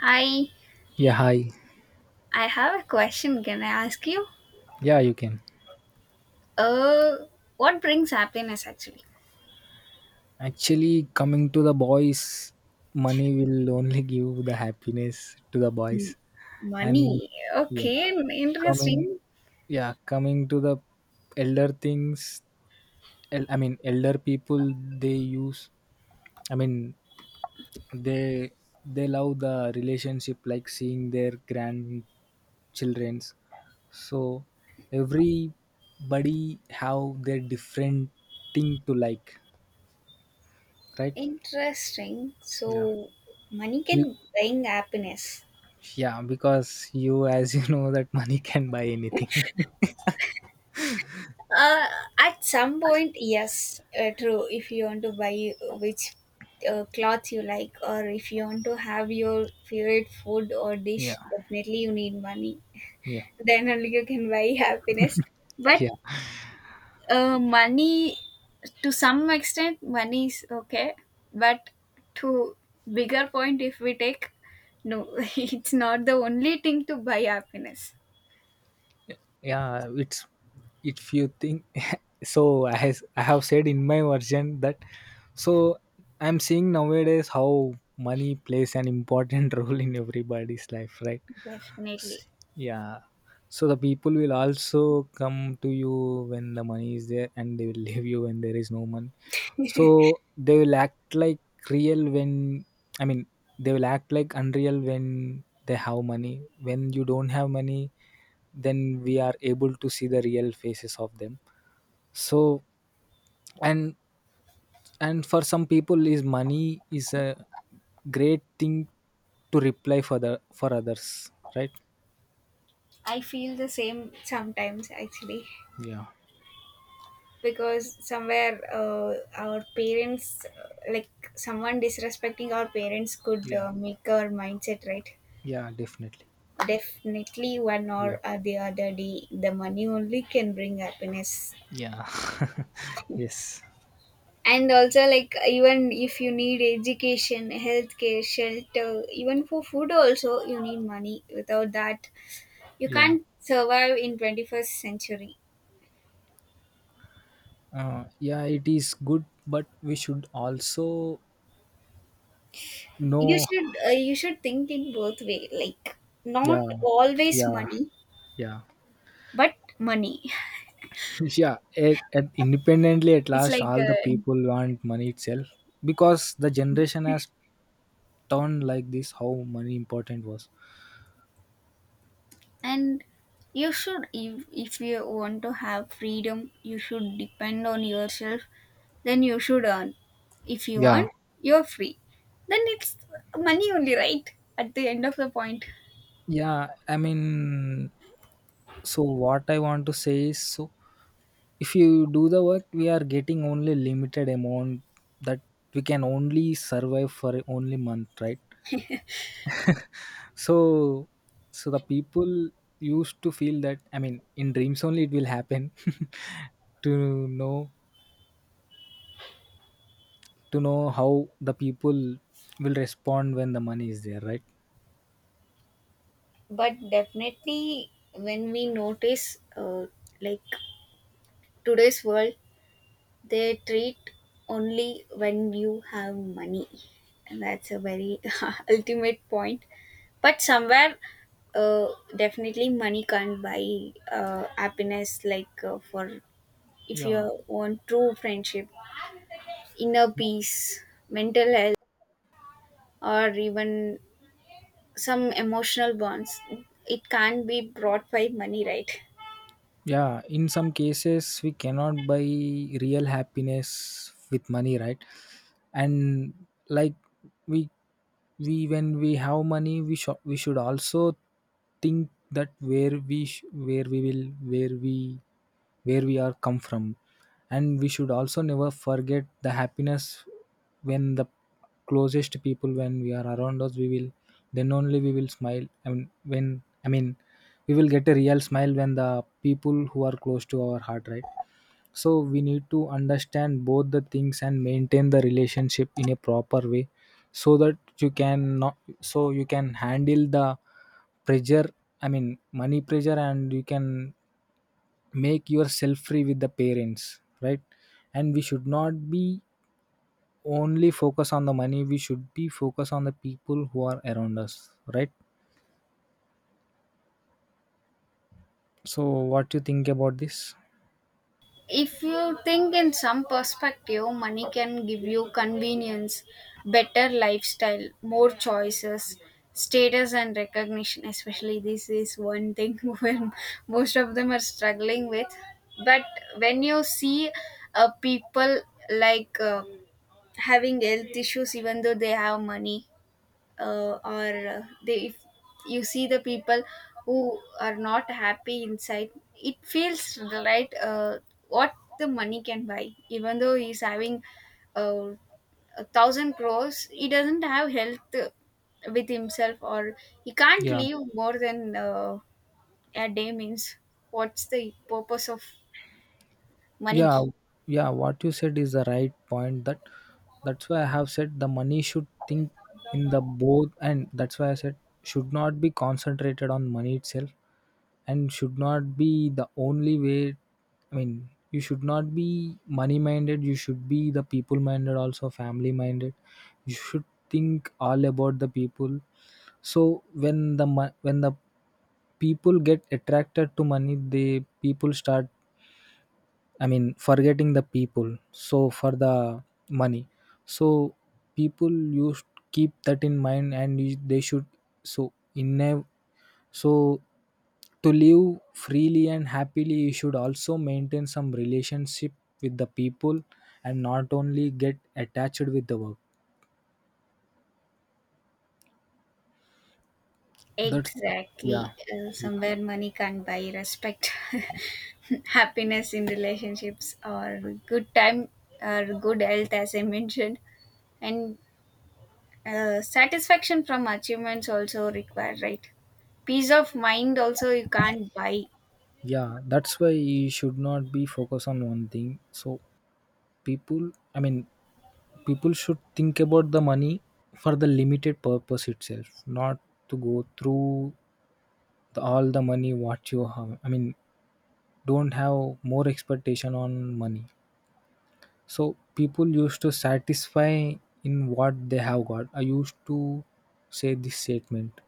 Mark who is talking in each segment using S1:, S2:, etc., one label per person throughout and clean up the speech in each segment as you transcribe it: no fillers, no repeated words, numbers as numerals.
S1: Hi,
S2: Yeah, hi.
S1: I have a question. Can I ask you?
S2: Yeah, you can.
S1: Uh, what brings happiness actually?
S2: Actually, coming to the boys, money will only give the happiness to the boys. And
S1: Money.
S2: yeah,
S1: Okay,
S2: coming,
S1: interesting.
S2: yeah, coming to the elder things, elder people, they use, I mean, they they love the relationship like seeing their grandchildrens. So everybody have their different thing to like, right? Yeah.
S1: So, money
S2: You
S1: can bring happiness.
S2: Yeah, because as you know, that money can buy anything.
S1: Uh, at some point, yes, true. If you want to buy which cloth you like, or if you want to have your favorite food or
S2: Yeah,
S1: dish, definitely you need money.
S2: yeah,
S1: Then only you can buy happiness. But
S2: yeah,
S1: money to some extent money is okay, but to bigger point, if we take, no, it's not the only thing to buy happiness.
S2: yeah. It's if you think so. As I have said in my version that so I'm seeing nowadays how money plays an important role in everybody's life, right? S-
S1: Definitely.
S2: Yeah. So the people will also come to you when the money is there, and they will leave you when there is no money. So they will act like real when I mean they will act like unreal when they have money, when you don't have money, then we are able to see the real faces of them. So and and for some people is money is a great thing to reply for the for others, right?
S1: I feel the same sometimes actually,
S2: Yeah,
S1: because somewhere, uh, our parents, like someone disrespecting our parents could
S2: yeah,
S1: make our mindset, right?
S2: yeah, definitely.
S1: Definitely one
S2: Yeah,
S1: or the other day, the money only can bring happiness.
S2: yeah. Yes.
S1: And also, like, even if you need education, healthcare, shelter, even for food also, you need money. Without that you
S2: Yeah,
S1: can't survive in 21st century.
S2: yeah, it is good, but we should also
S1: You
S2: No,
S1: should, you should think in both way, like not
S2: yeah,
S1: always
S2: yeah,
S1: money,
S2: yeah,
S1: but money,
S2: yeah. It independently at
S1: it's
S2: last,
S1: like,
S2: all the people want money itself, because the generation has turned like this. How money important was?
S1: and you should, if you want to have freedom, you should depend on yourself. Then you should earn. If you
S2: Yeah,
S1: earn, you're free. Then it's money only, right, at the end of the point.
S2: yeah. So what I want to say is, so if you do the work, we are getting only limited amount, that we can only survive for only month, right? so so the people used to feel that in dreams only it will happen to know to know how the people will respond when the money is there, right?
S1: But definitely when we notice, like today's world, they treat only when you have money, and that's a very ultimate point. But somewhere, uh, definitely money can't buy happiness, like, for, if you
S2: Yeah.
S1: want true friendship, inner peace, mental health, or even some emotional bonds, it can't be brought by money, right?
S2: Yeah, in some cases we cannot buy real happiness with money, right? and like we we when we have money we should also think that where we sh- where we will where we where we are come from, and we should also never forget the happiness when the closest people when we are around us we will, then only we will smile. And when we will get a real smile when the people who are close to our heart, right? So we need to understand both the things and maintain the relationship in a proper way, so that you can not so you can handle the pressure, money pressure, and you can make yourself free with the parents, right? And we should not be only focus on the money, we should be focus on the people who are around us, right? So what you think about this?
S1: If you think in some perspective, money can give you convenience, better lifestyle, more choices, status and recognition, especially this is one thing where most of them are struggling with. But when you see, people, like, having health issues even though they have money, or they, if you see the people who are not happy inside, it feels right, what the money can buy, even though he's having uh, a thousand crores, he doesn't have health with himself, or he can't
S2: Yeah,
S1: live more than a day, means, what's the purpose of money?
S2: yeah, yeah, what you said is the right point, that that's why I have said the money should think in the both, and that's why I said should not be concentrated on money itself, and should not be the only way. You should not be money minded, you should be the people minded, also family minded. You should think all about the people. So when the people get attracted to money, they people start, forgetting the people. So for the money, so people used keep that in mind, and they should, so in a so to live freely and happily, you should also maintain some relationship with the people, and not only get attached with the work. that's the,
S1: Exactly.
S2: yeah,
S1: Somewhere money can't buy respect, happiness in relationships, or good time, or good health, as I mentioned. And satisfaction from achievements also required, right? Peace of mind also you can't buy.
S2: yeah, that's why you should not be focused on one thing. So people, i mean people should think about the money for the limited purpose itself, not to go through all the money what you have. Don't have more expectation on money. So people used to satisfy in what they have got. I used to say this statement.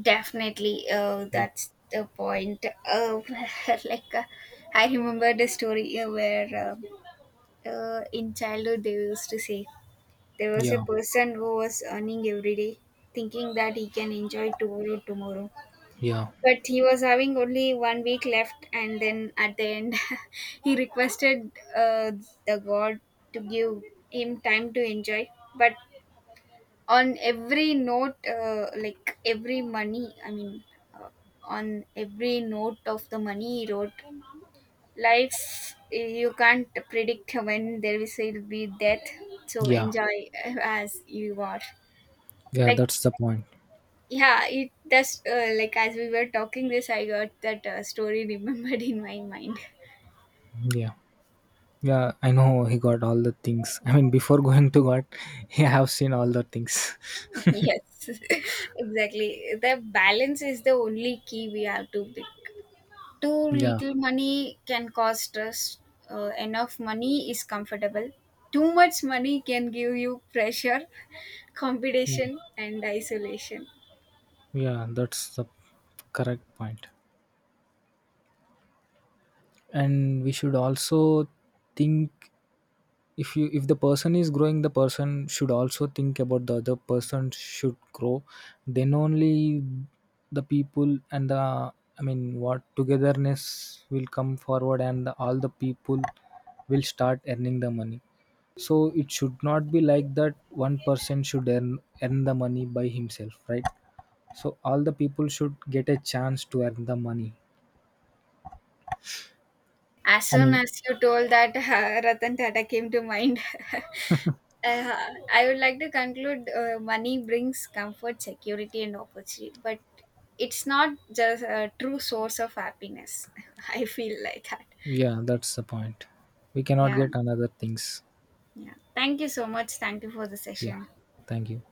S1: Definitely.
S2: Yeah,
S1: That's the point. Like, I remember the story where, in childhood they used to say, there was a
S2: yeah,
S1: person who was earning every day, thinking that he can enjoy tomorrow.
S2: yeah,
S1: But he was having only 1 week left, and then at the end, he requested the God to give him time to enjoy. But on every note, like every money, I mean, uh, on every note of the money he wrote, life you can't predict when there will be death, so
S2: yeah,
S1: enjoy as you are,
S2: yeah.
S1: like.
S2: That's the point.
S1: Yeah, it, that's, like, as we were talking this, I got that story remembered in my mind.
S2: Yeah, yeah. I know he got all the things. I mean, before going to God, he have seen all the things.
S1: Yes. Exactly, the balance is the only key we have to pick. Too
S2: yeah,
S1: little money can cause stress, enough money is comfortable, too much money can give you pressure,
S2: yeah,
S1: competition and isolation.
S2: yeah. That's the correct point. And we should also think, if the person is growing, the person should also think about the other person should grow. Then only the people and the, what togetherness will come forward, and the, all the people will start earning the money. So it should not be like that one person should earn the money by himself, right? So all the people should get a chance to earn the money.
S1: As
S2: i
S1: soon
S2: mean
S1: as you told that, Ratan Tata came to mind. uh, I would like to conclude, money brings comfort, security, and opportunity, but it's not just a true source of happiness. I feel like that.
S2: yeah, that's the point. We cannot
S1: Yeah,
S2: get another things.
S1: yeah. Thank you so much. Thank you for the
S2: Yeah,
S1: session.
S2: thank you.